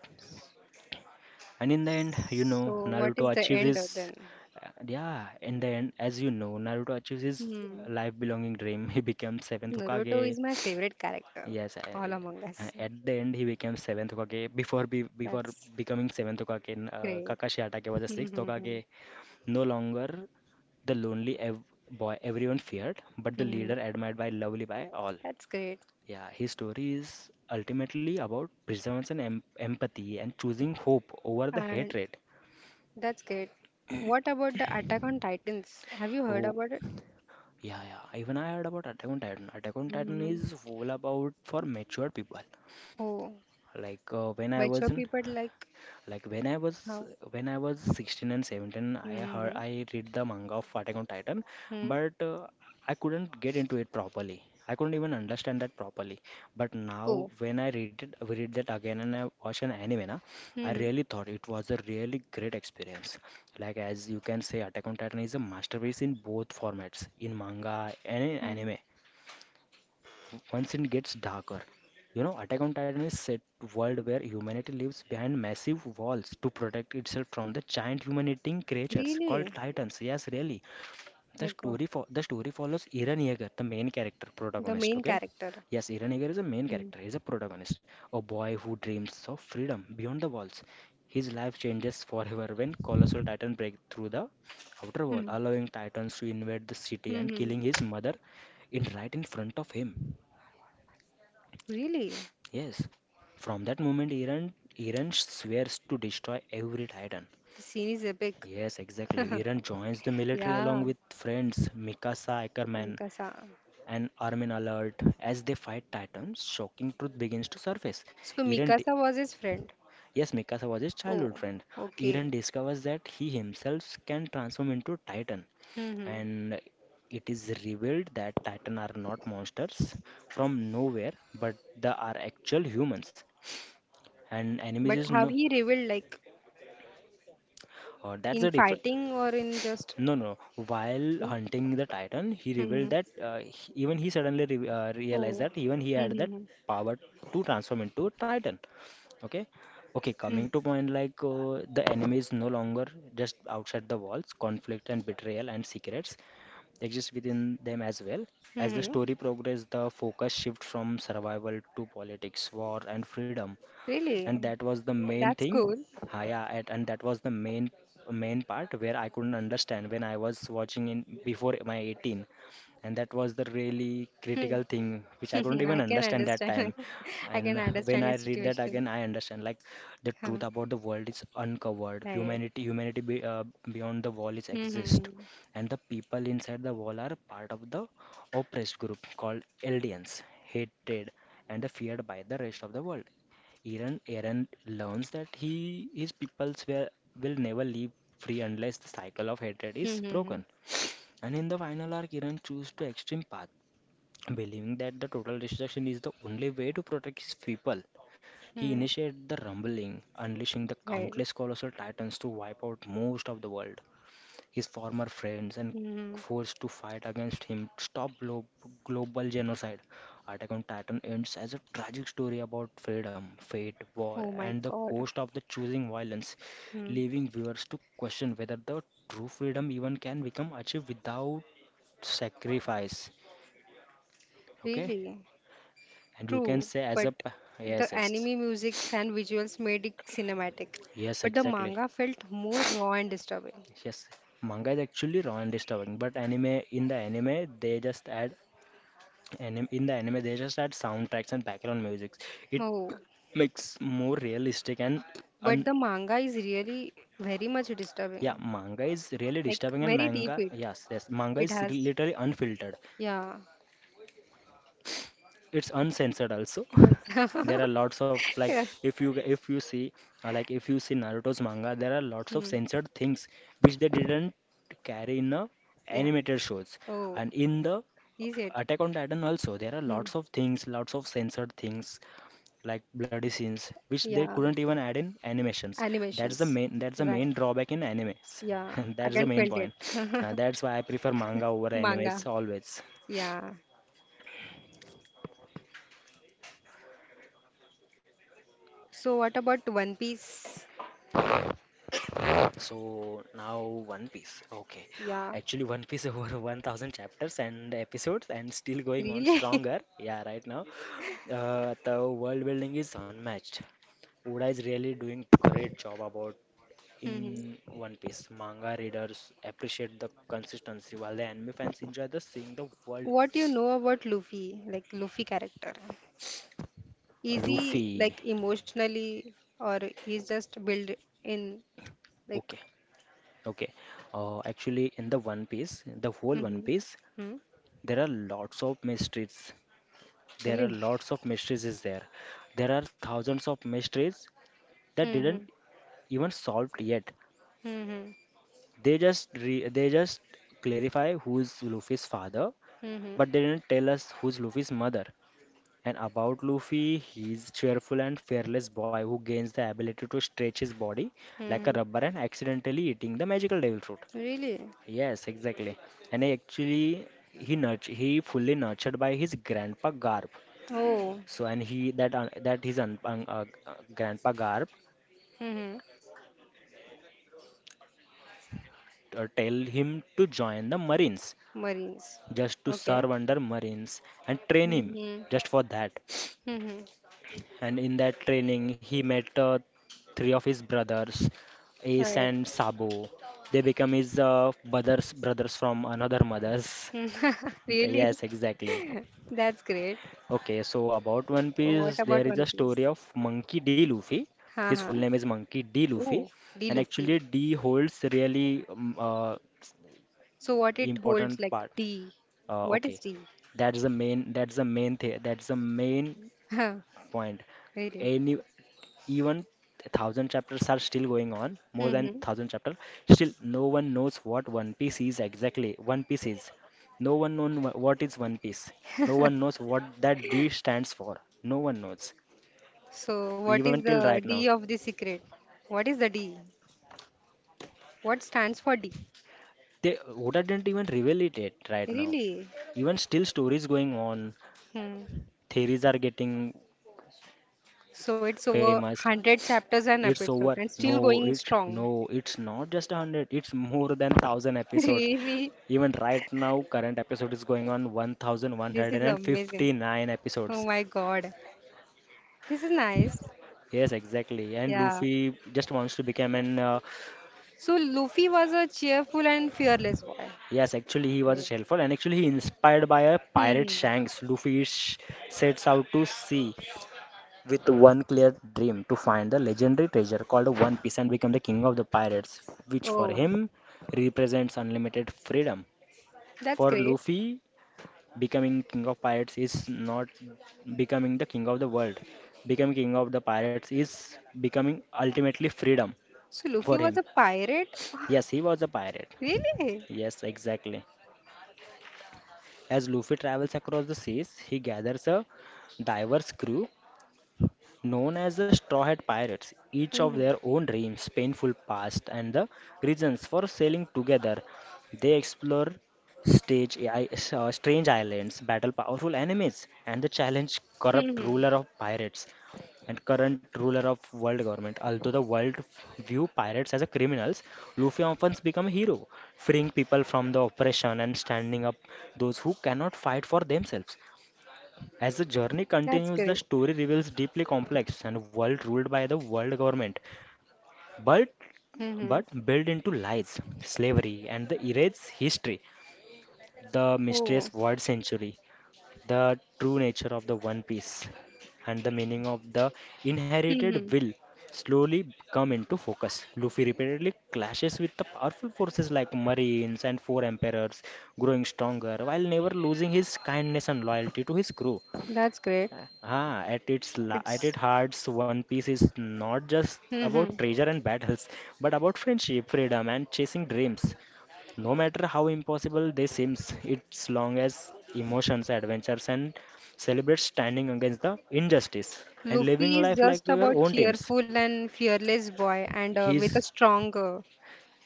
[SPEAKER 2] And in the end, you know,
[SPEAKER 1] So what is
[SPEAKER 2] Naruto
[SPEAKER 1] the
[SPEAKER 2] achieves
[SPEAKER 1] end of
[SPEAKER 2] his
[SPEAKER 1] then?
[SPEAKER 2] uh, yeah, in the end, as you know, Naruto achieves his
[SPEAKER 1] Hmm.
[SPEAKER 2] life belonging dream. He becomes seventh
[SPEAKER 1] Naruto is
[SPEAKER 2] Hokage.
[SPEAKER 1] my favorite character.
[SPEAKER 2] Yes, I,
[SPEAKER 1] All
[SPEAKER 2] it-
[SPEAKER 1] Among Us.
[SPEAKER 2] uh, at the end he became seventh Hokage. Before be, before
[SPEAKER 1] That's
[SPEAKER 2] becoming seventh Hokage, n- uh,
[SPEAKER 1] great.
[SPEAKER 2] Kakashi Hatake was the sixth
[SPEAKER 1] Mm-hmm.
[SPEAKER 2] Hokage. No longer the lonely ev boy everyone feared, but the
[SPEAKER 1] Mm-hmm.
[SPEAKER 2] leader admired by lovely by all.
[SPEAKER 1] That's great.
[SPEAKER 2] Yeah, his story is ultimately about perseverance and em empathy and choosing hope over the
[SPEAKER 1] And
[SPEAKER 2] hatred.
[SPEAKER 1] that's great. What about the Attack on Titans? Have you heard
[SPEAKER 2] Oh,
[SPEAKER 1] about it?
[SPEAKER 2] yeah, yeah. Even I heard about Attack on Titan. Attack on Titan
[SPEAKER 1] Mm-hmm.
[SPEAKER 2] is all about for mature people.
[SPEAKER 1] Oh,
[SPEAKER 2] Like uh, when I
[SPEAKER 1] mature
[SPEAKER 2] was in
[SPEAKER 1] people like
[SPEAKER 2] Like when I was
[SPEAKER 1] how?
[SPEAKER 2] when I was sixteen and seventeen, I heard
[SPEAKER 1] Mm-hmm.
[SPEAKER 2] I read the manga of Attack on Titan,
[SPEAKER 1] Hmm.
[SPEAKER 2] but uh, I couldn't get into it properly. I couldn't even understand that properly. But now
[SPEAKER 1] Oh.
[SPEAKER 2] when I read it, read that again and I watch an anime, na, I
[SPEAKER 1] Mm-hmm.
[SPEAKER 2] really thought it was a really great experience. Like as you can say, Attack on Titan is a masterpiece in both formats, in manga and in
[SPEAKER 1] Hmm.
[SPEAKER 2] anime once it gets darker. You know, Attack on Titan is set world where humanity lives behind massive walls to protect itself from the giant human-eating creatures called
[SPEAKER 1] Really?
[SPEAKER 2] Titans. Yes, really. The
[SPEAKER 1] My God.
[SPEAKER 2] story for the story follows Eren Yeager, the main character
[SPEAKER 1] The
[SPEAKER 2] protagonist.
[SPEAKER 1] main
[SPEAKER 2] Okay,
[SPEAKER 1] character.
[SPEAKER 2] yes, Eren Yeager is a main
[SPEAKER 1] Hmm.
[SPEAKER 2] character. He's a protagonist, a boy who dreams of freedom beyond the walls. His life changes forever when colossal Titan break through the outer wall,
[SPEAKER 1] Hmm.
[SPEAKER 2] allowing Titans to invade the city and
[SPEAKER 1] Mm-hmm.
[SPEAKER 2] killing his mother in right in front of him.
[SPEAKER 1] Really?
[SPEAKER 2] Yes, from that moment, Iran Iran swears to destroy every Titan.
[SPEAKER 1] The scene is epic.
[SPEAKER 2] Yes, exactly. Iran joins the military along
[SPEAKER 1] Yeah.
[SPEAKER 2] with friends Mikasa Ackerman
[SPEAKER 1] Mikasa.
[SPEAKER 2] and Armin Alert as they fight Titans. Shocking truth begins to surface.
[SPEAKER 1] So
[SPEAKER 2] Iran, di-
[SPEAKER 1] Mikasa was his friend.
[SPEAKER 2] yes, Mikasa was his childhood
[SPEAKER 1] Oh.
[SPEAKER 2] friend.
[SPEAKER 1] Okay.
[SPEAKER 2] Iran discovers that he himself can transform into Titan,
[SPEAKER 1] Mm-hmm.
[SPEAKER 2] and it is revealed that Titan are not monsters from nowhere, but they are actual humans and enemies
[SPEAKER 1] But
[SPEAKER 2] is
[SPEAKER 1] have
[SPEAKER 2] no
[SPEAKER 1] he revealed like
[SPEAKER 2] uh, that's
[SPEAKER 1] in
[SPEAKER 2] the difference.
[SPEAKER 1] fighting or in just?
[SPEAKER 2] No, no, no. While hunting the titan he
[SPEAKER 1] Mm-hmm.
[SPEAKER 2] revealed that uh, he- even he suddenly re uh, realized
[SPEAKER 1] Oh.
[SPEAKER 2] that even he had that
[SPEAKER 1] Mm-hmm.
[SPEAKER 2] power to transform into a titan. Okay, okay,
[SPEAKER 1] Hmm.
[SPEAKER 2] coming to point, like uh, the enemy is no longer just outside the walls. Conflict and betrayal and secrets exist within them as well. As the
[SPEAKER 1] Mm-hmm.
[SPEAKER 2] story progresses, the focus shifts from survival to politics, war and freedom, and
[SPEAKER 1] Really?
[SPEAKER 2] that was the main
[SPEAKER 1] That's
[SPEAKER 2] thing.
[SPEAKER 1] cool.
[SPEAKER 2] Ha, yeah, at, and that was the main main part where I couldn't understand when I was watching in before my eighteen. And that was the really
[SPEAKER 1] Hmm.
[SPEAKER 2] critical thing which I couldn't even
[SPEAKER 1] I can
[SPEAKER 2] understand that
[SPEAKER 1] understand.
[SPEAKER 2] time.
[SPEAKER 1] I
[SPEAKER 2] And
[SPEAKER 1] can
[SPEAKER 2] when
[SPEAKER 1] understand
[SPEAKER 2] I
[SPEAKER 1] your
[SPEAKER 2] read that
[SPEAKER 1] situation.
[SPEAKER 2] again I understand like the
[SPEAKER 1] Huh.
[SPEAKER 2] truth about the world is uncovered.
[SPEAKER 1] Right.
[SPEAKER 2] humanity humanity be, uh, beyond the wall is exist,
[SPEAKER 1] Mm-hmm.
[SPEAKER 2] and the people inside the wall are part of the oppressed group called aliens, hated and feared by the rest of the world. Aaron, Aaron learns that he his peoples will, will never live free unless the cycle of hatred is
[SPEAKER 1] Mm-hmm.
[SPEAKER 2] broken. And in the final arc, Aaron chooses to extreme path, believing that the total destruction is the only way to protect his people. He
[SPEAKER 1] Mm.
[SPEAKER 2] initiated the rumbling, unleashing the
[SPEAKER 1] Right.
[SPEAKER 2] countless colossal titans to wipe out most of the world. His former friends, and
[SPEAKER 1] Mm.
[SPEAKER 2] forced to fight against him to stop glo- global genocide. Attack on Titan ends as a tragic story about freedom, fate, war,
[SPEAKER 1] Oh my
[SPEAKER 2] and the
[SPEAKER 1] God.
[SPEAKER 2] cost of the choosing violence,
[SPEAKER 1] Mm.
[SPEAKER 2] leaving viewers to question whether the true freedom even can become achieved without sacrifice. Okay,
[SPEAKER 1] Really?
[SPEAKER 2] and you can
[SPEAKER 1] True,
[SPEAKER 2] say as a
[SPEAKER 1] but
[SPEAKER 2] p-
[SPEAKER 1] the
[SPEAKER 2] yes, yes,
[SPEAKER 1] anime musics and visuals made it cinematic.
[SPEAKER 2] yes,
[SPEAKER 1] But the
[SPEAKER 2] exactly,
[SPEAKER 1] manga felt more raw and disturbing.
[SPEAKER 2] yes. Manga is actually raw and disturbing, but anime in the anime they just add Anim- in the anime, they just add soundtracks and background music. It
[SPEAKER 1] Oh,
[SPEAKER 2] makes more realistic and
[SPEAKER 1] but
[SPEAKER 2] un.
[SPEAKER 1] the manga is really very much
[SPEAKER 2] Yeah,
[SPEAKER 1] disturbing.
[SPEAKER 2] manga is really
[SPEAKER 1] Like
[SPEAKER 2] disturbing, and
[SPEAKER 1] very deep
[SPEAKER 2] manga,
[SPEAKER 1] it
[SPEAKER 2] yes, yes, manga
[SPEAKER 1] it
[SPEAKER 2] is re-
[SPEAKER 1] has.
[SPEAKER 2] literally unfiltered.
[SPEAKER 1] Yeah.
[SPEAKER 2] It's uncensored also.
[SPEAKER 1] And-
[SPEAKER 2] There are lots of like
[SPEAKER 1] yeah.
[SPEAKER 2] if you if you see uh, like if you see Naruto's manga, there are lots of
[SPEAKER 1] Hmm.
[SPEAKER 2] censored things which they didn't carry in the
[SPEAKER 1] Yeah.
[SPEAKER 2] animated shows,
[SPEAKER 1] Oh,
[SPEAKER 2] and in the
[SPEAKER 1] is it?
[SPEAKER 2] Attack on Titan also there are lots of things, lots of censored things like bloody scenes, which they
[SPEAKER 1] Yeah.
[SPEAKER 2] couldn't even add in animations. That's the
[SPEAKER 1] Animations.
[SPEAKER 2] main that's the main drawback in animes.
[SPEAKER 1] Yeah. I
[SPEAKER 2] That's the
[SPEAKER 1] can
[SPEAKER 2] main
[SPEAKER 1] felt it.
[SPEAKER 2] point. Uh, that's why I prefer manga over
[SPEAKER 1] Manga.
[SPEAKER 2] animes always.
[SPEAKER 1] Yeah. So what about One Piece?
[SPEAKER 2] So now One Piece. Okay.
[SPEAKER 1] Yeah.
[SPEAKER 2] Actually One Piece over one thousand chapters and episodes and still going on
[SPEAKER 1] Really?
[SPEAKER 2] stronger. Yeah, right now. Uh, the world building is unmatched. Oda is really doing great job about
[SPEAKER 1] Mhm.
[SPEAKER 2] in One Piece. Manga readers appreciate the consistency, while the anime fans enjoy the seeing the world.
[SPEAKER 1] What do you know about Luffy, like Luffy character?
[SPEAKER 2] Uh,
[SPEAKER 1] Is he
[SPEAKER 2] Luffy.
[SPEAKER 1] like emotionally or he's just built in like
[SPEAKER 2] Okay, okay. Uh, actually, in the One Piece, the whole One
[SPEAKER 1] hmm
[SPEAKER 2] Piece,
[SPEAKER 1] hmm
[SPEAKER 2] there are lots of mysteries. There are
[SPEAKER 1] really?
[SPEAKER 2] lots of mysteries is there. There are thousands of mysteries that
[SPEAKER 1] Hmm. Hmm.
[SPEAKER 2] didn't even solved yet.
[SPEAKER 1] Hmm.
[SPEAKER 2] They just re they just clarify who's Luffy's father,
[SPEAKER 1] Hmm.
[SPEAKER 2] but they didn't tell us who's Luffy's mother. And about Luffy, he's cheerful and fearless boy who gains the ability to stretch his body like
[SPEAKER 1] Hmm,
[SPEAKER 2] a
[SPEAKER 1] hmm.
[SPEAKER 2] rubber and accidentally eating the magical devil fruit.
[SPEAKER 1] Really?
[SPEAKER 2] Yes, exactly. And he actually he nurt he fully nurtured by his grandpa Garp.
[SPEAKER 1] Oh.
[SPEAKER 2] So and he that un that his un, un, uh, uh, grandpa Garp
[SPEAKER 1] Hmm. Hmm.
[SPEAKER 2] uh, tell him to join the Marines,
[SPEAKER 1] Marines.
[SPEAKER 2] just to
[SPEAKER 1] Okay.
[SPEAKER 2] serve under Marines and train him
[SPEAKER 1] Hmm.
[SPEAKER 2] just for that.
[SPEAKER 1] Hmm.
[SPEAKER 2] And in that training he met uh, three of his brothers, Ace
[SPEAKER 1] Right.
[SPEAKER 2] and Sabo. They become his uh, brothers brothers from another mothers. Th-
[SPEAKER 1] Really?
[SPEAKER 2] yes exactly.
[SPEAKER 1] That's great.
[SPEAKER 2] Okay so about one
[SPEAKER 1] What
[SPEAKER 2] piece
[SPEAKER 1] about
[SPEAKER 2] there is a
[SPEAKER 1] One Piece?
[SPEAKER 2] story of Monkey D. Luffy. His
[SPEAKER 1] Haha.
[SPEAKER 2] full name is Monkey D. Luffy,
[SPEAKER 1] Oh, the
[SPEAKER 2] and actually
[SPEAKER 1] Luffy.
[SPEAKER 2] D holds really um, uh,
[SPEAKER 1] So what it
[SPEAKER 2] important
[SPEAKER 1] holds like
[SPEAKER 2] part.
[SPEAKER 1] D?
[SPEAKER 2] Uh,
[SPEAKER 1] What is
[SPEAKER 2] okay,
[SPEAKER 1] D?
[SPEAKER 2] that's the main that's the main thing that's the main
[SPEAKER 1] Huh,
[SPEAKER 2] point.
[SPEAKER 1] really?
[SPEAKER 2] Any Even thousand chapters are still going on, more than
[SPEAKER 1] Hmm.
[SPEAKER 2] thousand chapters. Still, no one knows what One Piece is exactly. One Piece is. No one knows what is One Piece. No one knows what that D stands for. No one knows.
[SPEAKER 1] So what
[SPEAKER 2] Even
[SPEAKER 1] is
[SPEAKER 2] till right
[SPEAKER 1] the
[SPEAKER 2] now,
[SPEAKER 1] D of the secret? What is the D? What stands for D?
[SPEAKER 2] they Oda didn't even reveal it yet right now.
[SPEAKER 1] Really?
[SPEAKER 2] Even still, stories going on.
[SPEAKER 1] Hmm.
[SPEAKER 2] Theories are getting
[SPEAKER 1] So it's over
[SPEAKER 2] famous.
[SPEAKER 1] a hundred chapters and
[SPEAKER 2] It's over.
[SPEAKER 1] episodes and still
[SPEAKER 2] No,
[SPEAKER 1] going
[SPEAKER 2] it
[SPEAKER 1] strong.
[SPEAKER 2] no, it's not just a hundred. It's more than thousand episodes.
[SPEAKER 1] Really?
[SPEAKER 2] Even right now, current episode is going on
[SPEAKER 1] This is amazing.
[SPEAKER 2] one thousand one hundred fifty-nine
[SPEAKER 1] Oh
[SPEAKER 2] episodes.
[SPEAKER 1] my God. This is nice.
[SPEAKER 2] Yes, exactly. And
[SPEAKER 1] Yeah.
[SPEAKER 2] Luffy just wants to become an. Uh,
[SPEAKER 1] So Luffy was a cheerful and fearless boy.
[SPEAKER 2] yes, actually, he was a helpful, and actually, he inspired by a pirate
[SPEAKER 1] Hmm.
[SPEAKER 2] Shanks. Luffy sh- sets out to sea with one clear dream to find the legendary treasure called One Piece and become the king of the pirates, which for
[SPEAKER 1] Oh,
[SPEAKER 2] him represents unlimited freedom.
[SPEAKER 1] that's
[SPEAKER 2] For
[SPEAKER 1] great.
[SPEAKER 2] Luffy, becoming king of pirates is not becoming the king of the world. Becoming king of the pirates is becoming ultimately freedom
[SPEAKER 1] So
[SPEAKER 2] for
[SPEAKER 1] Luffy was
[SPEAKER 2] him.
[SPEAKER 1] a pirate?
[SPEAKER 2] Yes, he was a pirate.
[SPEAKER 1] Really?
[SPEAKER 2] Yes, exactly. As Luffy travels across the seas, he gathers a diverse crew known as the Straw Hat Pirates, each of
[SPEAKER 1] Mm-hmm.
[SPEAKER 2] their own dreams, painful past, and the reasons for sailing together, they explore stage, i- uh, strange islands, battle powerful enemies, and the challenge corrupt
[SPEAKER 1] Hmm.
[SPEAKER 2] ruler of pirates and current ruler of world government. Although the world f- view pirates as a criminals, Luffy often becomes a hero, freeing people from the oppression and standing up those who cannot fight for themselves. As the journey
[SPEAKER 1] That's
[SPEAKER 2] continues, the
[SPEAKER 1] great.
[SPEAKER 2] story reveals deeply complex and world ruled by the world government, but
[SPEAKER 1] Hmm.
[SPEAKER 2] but built into lies, slavery, and the erased history, the mysterious
[SPEAKER 1] Oh.
[SPEAKER 2] word century, the true nature of the One Piece, and the meaning of the inherited
[SPEAKER 1] Hmm.
[SPEAKER 2] will slowly come into focus. Luffy repeatedly clashes with the powerful forces like Marines and four emperors, growing stronger while never losing his kindness and loyalty to his crew.
[SPEAKER 1] That's great.
[SPEAKER 2] Ah, at its la at its
[SPEAKER 1] It's
[SPEAKER 2] hearts, One Piece is not just
[SPEAKER 1] hmm
[SPEAKER 2] about treasure and battles, but about friendship, freedom, and chasing dreams. No matter how impossible they seems, it's long as emotions, adventures, and celebrates standing against the injustice and living
[SPEAKER 1] Luffy is
[SPEAKER 2] life like
[SPEAKER 1] just
[SPEAKER 2] your
[SPEAKER 1] about
[SPEAKER 2] own teams.
[SPEAKER 1] cheerful and fearless boy and uh, with a
[SPEAKER 2] He's
[SPEAKER 1] strong uh,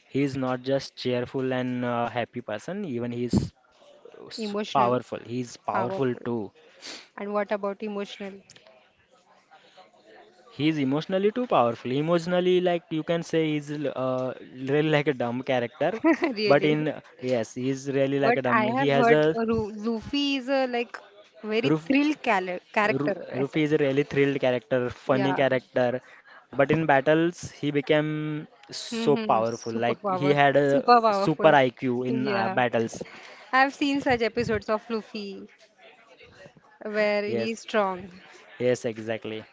[SPEAKER 2] he's not just cheerful and uh, happy person, even he's uh, s-
[SPEAKER 1] emotional
[SPEAKER 2] powerful. He's powerful
[SPEAKER 1] powerful.
[SPEAKER 2] too.
[SPEAKER 1] And what about emotional?
[SPEAKER 2] He's emotionally too powerful. Emotionally, like you can say, he's l- uh, really like a dumb character. But
[SPEAKER 1] Really?
[SPEAKER 2] in Yes, he's really like
[SPEAKER 1] But
[SPEAKER 2] a
[SPEAKER 1] I
[SPEAKER 2] dumb. He
[SPEAKER 1] have
[SPEAKER 2] has
[SPEAKER 1] heard
[SPEAKER 2] a
[SPEAKER 1] uh, Ru- Luffy is a like very
[SPEAKER 2] Ruf.
[SPEAKER 1] thrill cala-
[SPEAKER 2] Ru-
[SPEAKER 1] character. I
[SPEAKER 2] Luffy
[SPEAKER 1] said.
[SPEAKER 2] is a really thrilled character, funny
[SPEAKER 1] Yeah.
[SPEAKER 2] character. But in battles, he became so
[SPEAKER 1] Mm-hmm.
[SPEAKER 2] powerful.
[SPEAKER 1] Super
[SPEAKER 2] Like he
[SPEAKER 1] power.
[SPEAKER 2] had a
[SPEAKER 1] Super
[SPEAKER 2] super
[SPEAKER 1] powerful.
[SPEAKER 2] I Q in uh,
[SPEAKER 1] Yeah.
[SPEAKER 2] battles.
[SPEAKER 1] I've seen such episodes of Luffy where
[SPEAKER 2] Yes,
[SPEAKER 1] he's strong.
[SPEAKER 2] yes, exactly.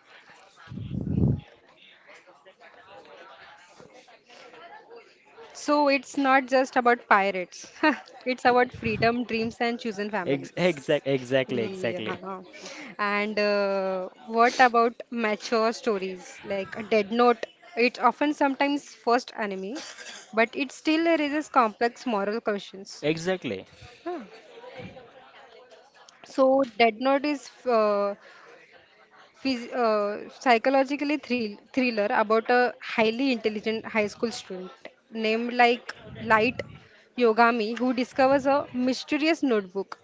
[SPEAKER 1] So it's not just about pirates. It's about freedom, dreams, and chosen
[SPEAKER 2] Ex
[SPEAKER 1] families.
[SPEAKER 2] exact, exactly, exactly,
[SPEAKER 1] Yeah. And uh, what about mature stories like a Dead Note? It's often sometimes first anime, but it still raises complex moral questions.
[SPEAKER 2] exactly,
[SPEAKER 1] So Dead Note is uh, phys uh, psychologically thrill thriller about a highly intelligent high school student named like Light Yogami who discovers a mysterious notebook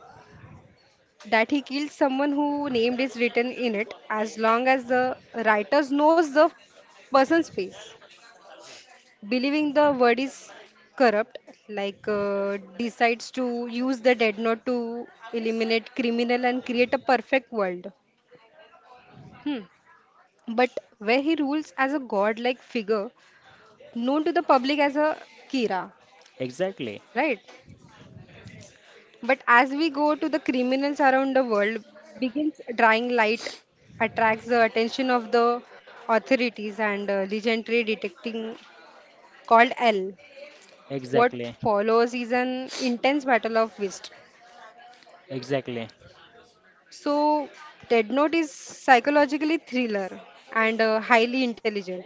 [SPEAKER 1] that he kills someone who named is written in it as long as the writer knows the person's face. Believing the word is corrupt, like uh, decides to use the dead note to eliminate criminal and create a perfect world. Hmm. But where he rules as a godlike figure known to the public as a Kira,
[SPEAKER 2] exactly.
[SPEAKER 1] right? But as we go to the criminals around the world, begins drawing light, attracts the attention of the authorities and uh, legendary detecting called L. What
[SPEAKER 2] Exactly.
[SPEAKER 1] follows is an intense battle of wits.
[SPEAKER 2] Exactly.
[SPEAKER 1] So, Dead Note is psychologically thriller and uh, highly intelligent,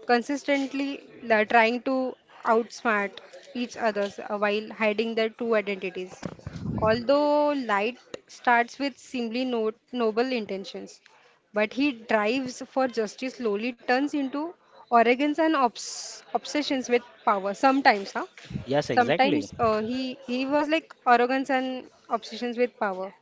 [SPEAKER 1] consistently la- trying to outsmart each other while hiding their true identities. Although Light starts with seemingly no- noble intentions, but he drives for justice slowly turns into arrogance and obs- obsessions with power. Sometimes, huh?
[SPEAKER 2] Yes, exactly.
[SPEAKER 1] Sometimes uh, he he was like arrogance and obsessions with power.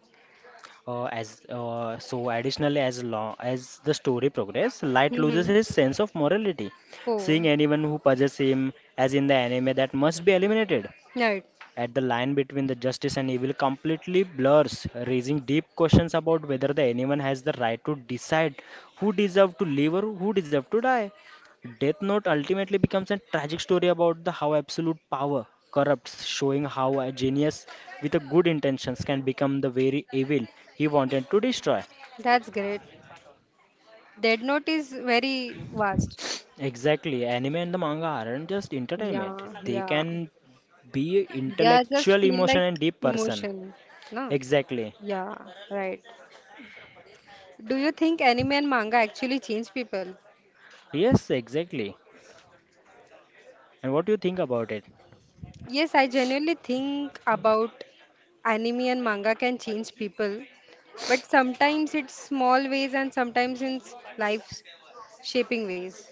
[SPEAKER 2] Uh, as uh, So, additionally, as long as the story progresses, Light
[SPEAKER 1] Hmm.
[SPEAKER 2] loses his sense of morality. Seeing
[SPEAKER 1] Oh,
[SPEAKER 2] anyone who possesses him, as in the anime, that must be eliminated.
[SPEAKER 1] right.
[SPEAKER 2] At the line between the justice and evil completely blurs, raising deep questions about whether the anyone has the right to decide who deserve to live or who deserve to die. Death Note ultimately becomes a tragic story about the how absolute power corrupts, showing how a genius with a good intentions can become the very evil he wanted to destroy.
[SPEAKER 1] That's great. Dead Note is very vast.
[SPEAKER 2] Exactly, anime and the manga aren't just entertainment;
[SPEAKER 1] Yeah,
[SPEAKER 2] they
[SPEAKER 1] yeah.
[SPEAKER 2] can be
[SPEAKER 1] They are just
[SPEAKER 2] intellectual,
[SPEAKER 1] feel
[SPEAKER 2] emotion,
[SPEAKER 1] like
[SPEAKER 2] and deep person.
[SPEAKER 1] emotion, no?
[SPEAKER 2] Exactly.
[SPEAKER 1] Yeah, right. Do you think anime and manga actually change people?
[SPEAKER 2] Yes, exactly. And what do you think about it?
[SPEAKER 1] Yes, I genuinely think about anime and manga can change people, but sometimes it's small ways and sometimes in life shaping ways.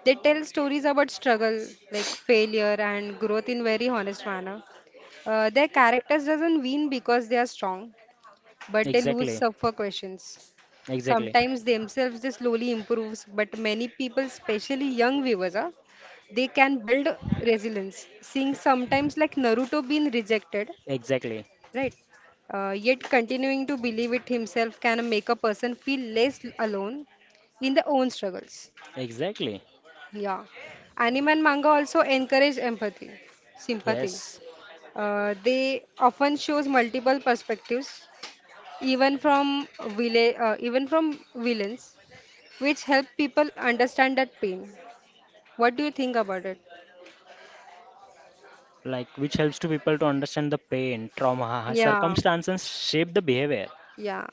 [SPEAKER 1] They tell stories about struggle, like failure and growth in very honest manner. Uh, their characters doesn't win because they are strong, but they lose
[SPEAKER 2] Exactly.
[SPEAKER 1] suffer questions.
[SPEAKER 2] Exactly.
[SPEAKER 1] Sometimes themselves they slowly improves, but many people, especially young viewers, ah, they can build resilience. Seeing sometimes like Naruto being rejected,
[SPEAKER 2] Exactly.
[SPEAKER 1] right? Uh, yet continuing to believe it himself can make a person feel less alone in their own struggles.
[SPEAKER 2] Exactly.
[SPEAKER 1] Yeah. Anime and manga also encourage empathy, sympathy.
[SPEAKER 2] Yes.
[SPEAKER 1] Uh, they often shows multiple perspectives, even from villa- uh, even from villains which help people understand that pain. What do you think about it?
[SPEAKER 2] Like which helps to people to understand the pain, trauma,
[SPEAKER 1] Yeah,
[SPEAKER 2] circumstances shape the behavior.
[SPEAKER 1] yeah,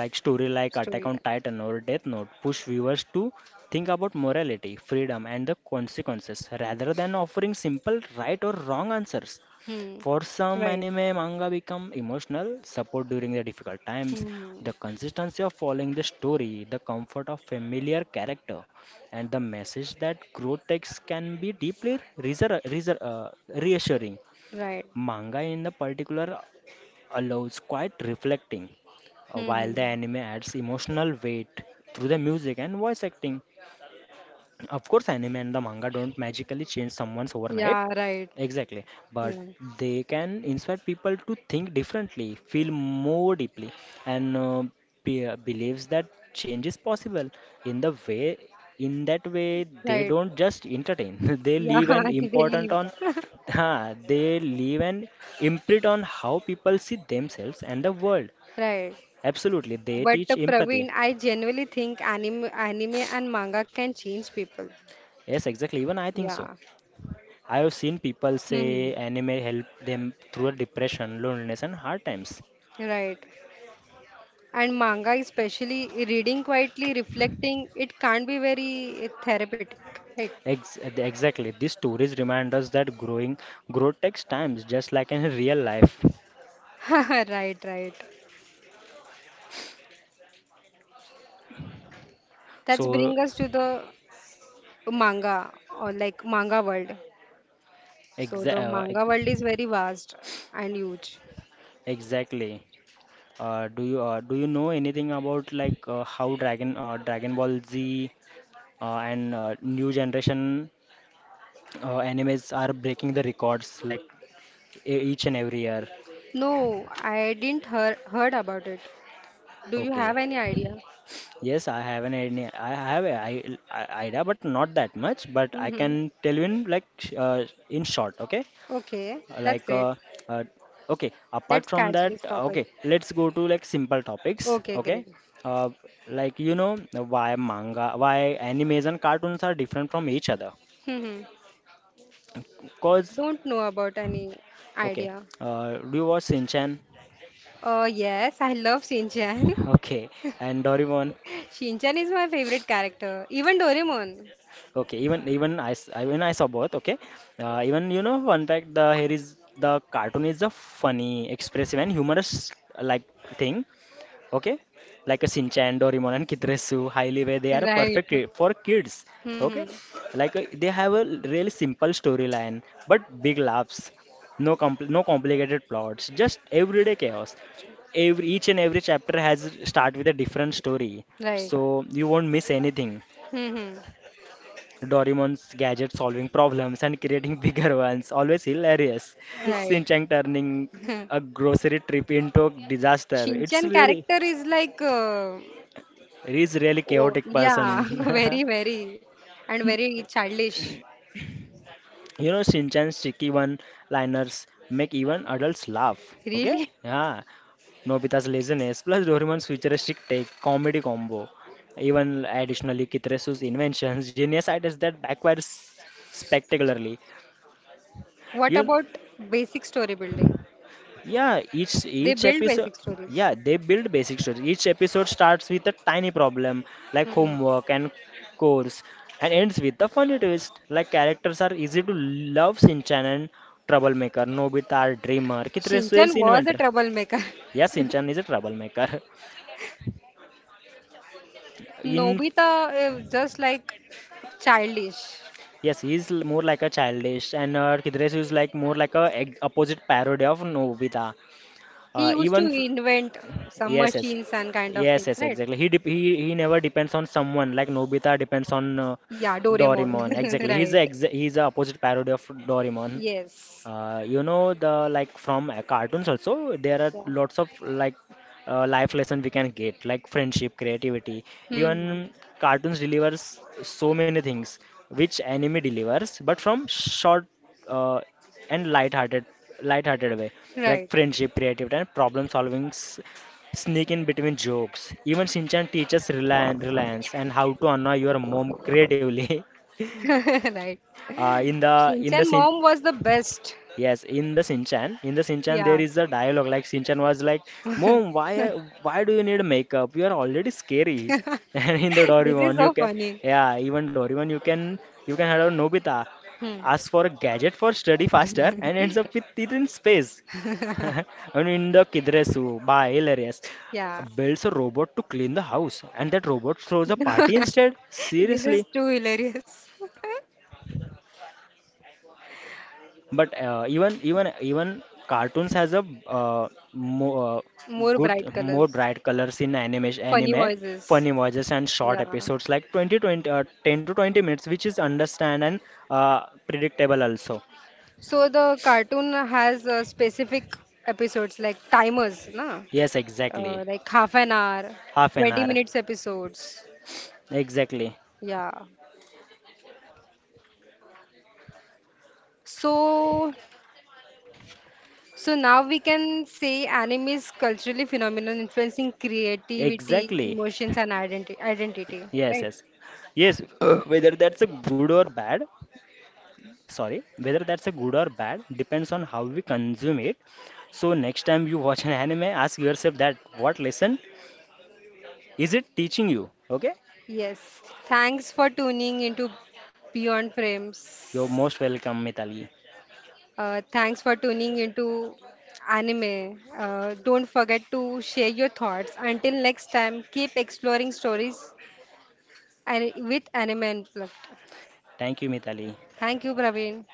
[SPEAKER 2] Like story like Attack
[SPEAKER 1] story
[SPEAKER 2] on
[SPEAKER 1] time.
[SPEAKER 2] Titan or Death Note push viewers to think about morality, freedom, and the consequences rather than offering simple right or wrong answers.
[SPEAKER 1] Hmm,
[SPEAKER 2] For some
[SPEAKER 1] right.
[SPEAKER 2] anime manga become emotional support during the difficult times,
[SPEAKER 1] Hmm,
[SPEAKER 2] the consistency of following the story, the comfort of familiar character, and the message that growth takes can be deeply reser- reser- uh, reassuring.
[SPEAKER 1] right.
[SPEAKER 2] Manga in the particular allows quiet reflecting, uh, while the
[SPEAKER 1] Hmm,
[SPEAKER 2] anime adds emotional weight through the music and voice acting. Of course, anime and the manga don't magically change someone's overnight.
[SPEAKER 1] yeah, right.
[SPEAKER 2] Exactly. But
[SPEAKER 1] Yeah,
[SPEAKER 2] they can inspire people to think differently, feel more deeply, and uh, be, uh, believes that change is possible. In the way, in that way, they
[SPEAKER 1] right.
[SPEAKER 2] don't just entertain. they
[SPEAKER 1] Yeah,
[SPEAKER 2] leave an
[SPEAKER 1] they
[SPEAKER 2] important
[SPEAKER 1] leave.
[SPEAKER 2] on, huh, they leave an imprint on how people see themselves and the world.
[SPEAKER 1] Right.
[SPEAKER 2] Absolutely, they
[SPEAKER 1] But uh,
[SPEAKER 2] teach empathy.
[SPEAKER 1] Praveen, I genuinely think anime, anime and manga can change people.
[SPEAKER 2] Yes, exactly. Even I think so.
[SPEAKER 1] Yeah.
[SPEAKER 2] I have seen people say
[SPEAKER 1] Hmm.
[SPEAKER 2] anime help them through depression, loneliness, and hard times.
[SPEAKER 1] Right. And manga, especially reading quietly, reflecting, it can't be very therapeutic, right?
[SPEAKER 2] Ex- exactly, these stories remind us that growing growth takes time, just like in real life.
[SPEAKER 1] Right, right. That's
[SPEAKER 2] So,
[SPEAKER 1] bring us to the manga or like manga world. So
[SPEAKER 2] exa-
[SPEAKER 1] the
[SPEAKER 2] uh,
[SPEAKER 1] manga world
[SPEAKER 2] ex-
[SPEAKER 1] is very vast and huge.
[SPEAKER 2] exactly. Uh, do you uh, do you know anything about like uh, how Dragon uh, Dragon Ball Z uh, and uh, new generation uh, animes are breaking the records like e- each and every year?
[SPEAKER 1] No, I didn't hear heard about it. Do you
[SPEAKER 2] Okay.
[SPEAKER 1] have any idea?
[SPEAKER 2] Yes, I have an idea. I have a I, I- idea, but not that much. But I
[SPEAKER 1] Mm-hmm.
[SPEAKER 2] can tell you in like sh- uh, in short. Okay,
[SPEAKER 1] Okay, that's
[SPEAKER 2] like
[SPEAKER 1] great.
[SPEAKER 2] uh, uh, okay.
[SPEAKER 1] Let's
[SPEAKER 2] Apart from
[SPEAKER 1] catch
[SPEAKER 2] that,
[SPEAKER 1] this topic.
[SPEAKER 2] okay. Let's go to like simple topics.
[SPEAKER 1] Okay,
[SPEAKER 2] Okay,
[SPEAKER 1] great.
[SPEAKER 2] uh, like you know why manga, why animes and cartoons are different from each other.
[SPEAKER 1] Mm-hmm.
[SPEAKER 2] Cause
[SPEAKER 1] Don't know about any
[SPEAKER 2] okay,
[SPEAKER 1] idea.
[SPEAKER 2] uh, do you watch Shinchan?
[SPEAKER 1] Uh, yes, I love Shinchan.
[SPEAKER 2] Okay, and Doraemon.
[SPEAKER 1] Shinchan is my favorite character. Even Doraemon.
[SPEAKER 2] Okay, even even I, s- I- when I saw both, okay, uh, even you know one fact the here is the cartoon is a funny, expressive and humorous like thing, okay, like a Shinchan, Doraemon and Kitresu, highly where they are
[SPEAKER 1] Right.
[SPEAKER 2] perfect i- for kids, okay,
[SPEAKER 1] Mm-hmm.
[SPEAKER 2] like uh, they have a really simple storyline but big laughs, no compl no complicated plots, just everyday chaos every each and every chapter has start with a different story
[SPEAKER 1] Right.
[SPEAKER 2] so you won't miss anything.
[SPEAKER 1] Mm-hmm.
[SPEAKER 2] Dorimon's gadget solving problems and creating bigger ones, always hilarious. Shin
[SPEAKER 1] Right.
[SPEAKER 2] Chan turning a grocery trip into a disaster. It's
[SPEAKER 1] Shinchan
[SPEAKER 2] really,
[SPEAKER 1] character is like, uh,
[SPEAKER 2] he's really
[SPEAKER 1] oh,
[SPEAKER 2] chaotic person.
[SPEAKER 1] yeah, very, very, and very childish.
[SPEAKER 2] You know, Shin Chan's cheeky one-liners make even adults laugh. Okay?
[SPEAKER 1] Really?
[SPEAKER 2] Yeah. Nobita's laziness plus Dorimon's futuristic take comedy combo. Even additionally, Kitresu's inventions, genius ideas that backfires spectacularly.
[SPEAKER 1] What
[SPEAKER 2] You,
[SPEAKER 1] about basic story building?
[SPEAKER 2] Yeah, each
[SPEAKER 1] They
[SPEAKER 2] each
[SPEAKER 1] build
[SPEAKER 2] episode,
[SPEAKER 1] basic stories.
[SPEAKER 2] yeah, they build basic stories. Each episode starts with a tiny problem like
[SPEAKER 1] Hmm.
[SPEAKER 2] homework and course, and ends with a funny twist. Like characters are easy to love, Shinchan and troublemaker. Nobita are dreamer. Kitre
[SPEAKER 1] Shinchan
[SPEAKER 2] is
[SPEAKER 1] was a
[SPEAKER 2] inventor.
[SPEAKER 1] troublemaker.
[SPEAKER 2] Yeah, Shinchan is a troublemaker. In
[SPEAKER 1] Nobita is just like childish.
[SPEAKER 2] Yes, he's l- more like a childish, and uh, Kidresu is like more like a ex- opposite parody of Nobita.
[SPEAKER 1] He
[SPEAKER 2] Uh,
[SPEAKER 1] used to
[SPEAKER 2] even f
[SPEAKER 1] invent some
[SPEAKER 2] yes, yes,
[SPEAKER 1] machines and kind of
[SPEAKER 2] yes,
[SPEAKER 1] things,
[SPEAKER 2] yes,
[SPEAKER 1] right?
[SPEAKER 2] exactly. He dep he he never depends on someone like Nobita depends on uh,
[SPEAKER 1] Yeah,
[SPEAKER 2] yeah
[SPEAKER 1] Doraemon.
[SPEAKER 2] Doraemon. Exactly, he's the
[SPEAKER 1] Right.
[SPEAKER 2] ex he's the opposite parody of Doraemon.
[SPEAKER 1] Yes.
[SPEAKER 2] Uh, you know the like from uh, cartoons also there are
[SPEAKER 1] Yeah.
[SPEAKER 2] lots of like uh, life lesson we can get like friendship, creativity.
[SPEAKER 1] Hmm.
[SPEAKER 2] Even cartoons delivers so many things which anime delivers, but from short. Uh, and light-hearted light-hearted way like
[SPEAKER 1] Right.
[SPEAKER 2] friendship creativity and problem solving s- sneak in between jokes. Even Shinchan teaches relian- reliance and how to annoy your mom creatively.
[SPEAKER 1] Right.
[SPEAKER 2] Uh, in the in
[SPEAKER 1] Shinchan
[SPEAKER 2] the
[SPEAKER 1] mom was the best.
[SPEAKER 2] Yes, in the Sinchan in the Sinchan
[SPEAKER 1] Yeah.
[SPEAKER 2] there is a dialogue like Sinchan was like, "Mom, why are- why do you need makeup? You are already scary." And in the
[SPEAKER 1] This is
[SPEAKER 2] Doraemon you
[SPEAKER 1] so
[SPEAKER 2] can,
[SPEAKER 1] funny.
[SPEAKER 2] yeah, even Doraemon you can you can have Nobita
[SPEAKER 1] Hmm.
[SPEAKER 2] ask for a gadget for study faster and ends up with it in space. And in the Kidresu by hilarious
[SPEAKER 1] Yeah.
[SPEAKER 2] builds a robot to clean the house and that robot throws a party instead.
[SPEAKER 1] This
[SPEAKER 2] Seriously.
[SPEAKER 1] is too hilarious.
[SPEAKER 2] But uh, even even even cartoons has a uh, more uh,
[SPEAKER 1] More
[SPEAKER 2] good
[SPEAKER 1] bright
[SPEAKER 2] more
[SPEAKER 1] colors.
[SPEAKER 2] bright colors in animation
[SPEAKER 1] Funny
[SPEAKER 2] anime,
[SPEAKER 1] voices.
[SPEAKER 2] funny voices and short
[SPEAKER 1] Yeah.
[SPEAKER 2] episodes like twenty, twenty uh, ten to twenty minutes, which is understand and uh, predictable also.
[SPEAKER 1] So the cartoon has uh, specific episodes like timers, na?
[SPEAKER 2] Yes,
[SPEAKER 1] Uh,
[SPEAKER 2] exactly.
[SPEAKER 1] like half an hour,
[SPEAKER 2] Half an
[SPEAKER 1] twenty
[SPEAKER 2] hour.
[SPEAKER 1] minutes episodes.
[SPEAKER 2] Exactly.
[SPEAKER 1] Yeah. So so now we can say anime is culturally phenomenon influencing creativity,
[SPEAKER 2] Exactly.
[SPEAKER 1] emotions and identity identity,
[SPEAKER 2] Yes,
[SPEAKER 1] right?
[SPEAKER 2] yes. Yes, whether that's a good or bad, sorry, whether that's a good or bad depends on how we consume it. So next time you watch an anime, ask yourself, that what lesson is it teaching you? Okay,
[SPEAKER 1] Yes. Thanks for tuning into Beyond
[SPEAKER 2] you're
[SPEAKER 1] Frames.
[SPEAKER 2] most welcome, Mitali.
[SPEAKER 1] Uh, thanks for tuning into anime. Uh, don't forget to share your thoughts. Until next time, keep exploring stories and with Anime Unplugged.
[SPEAKER 2] Thank you, Mitali.
[SPEAKER 1] Thank you, Praveen.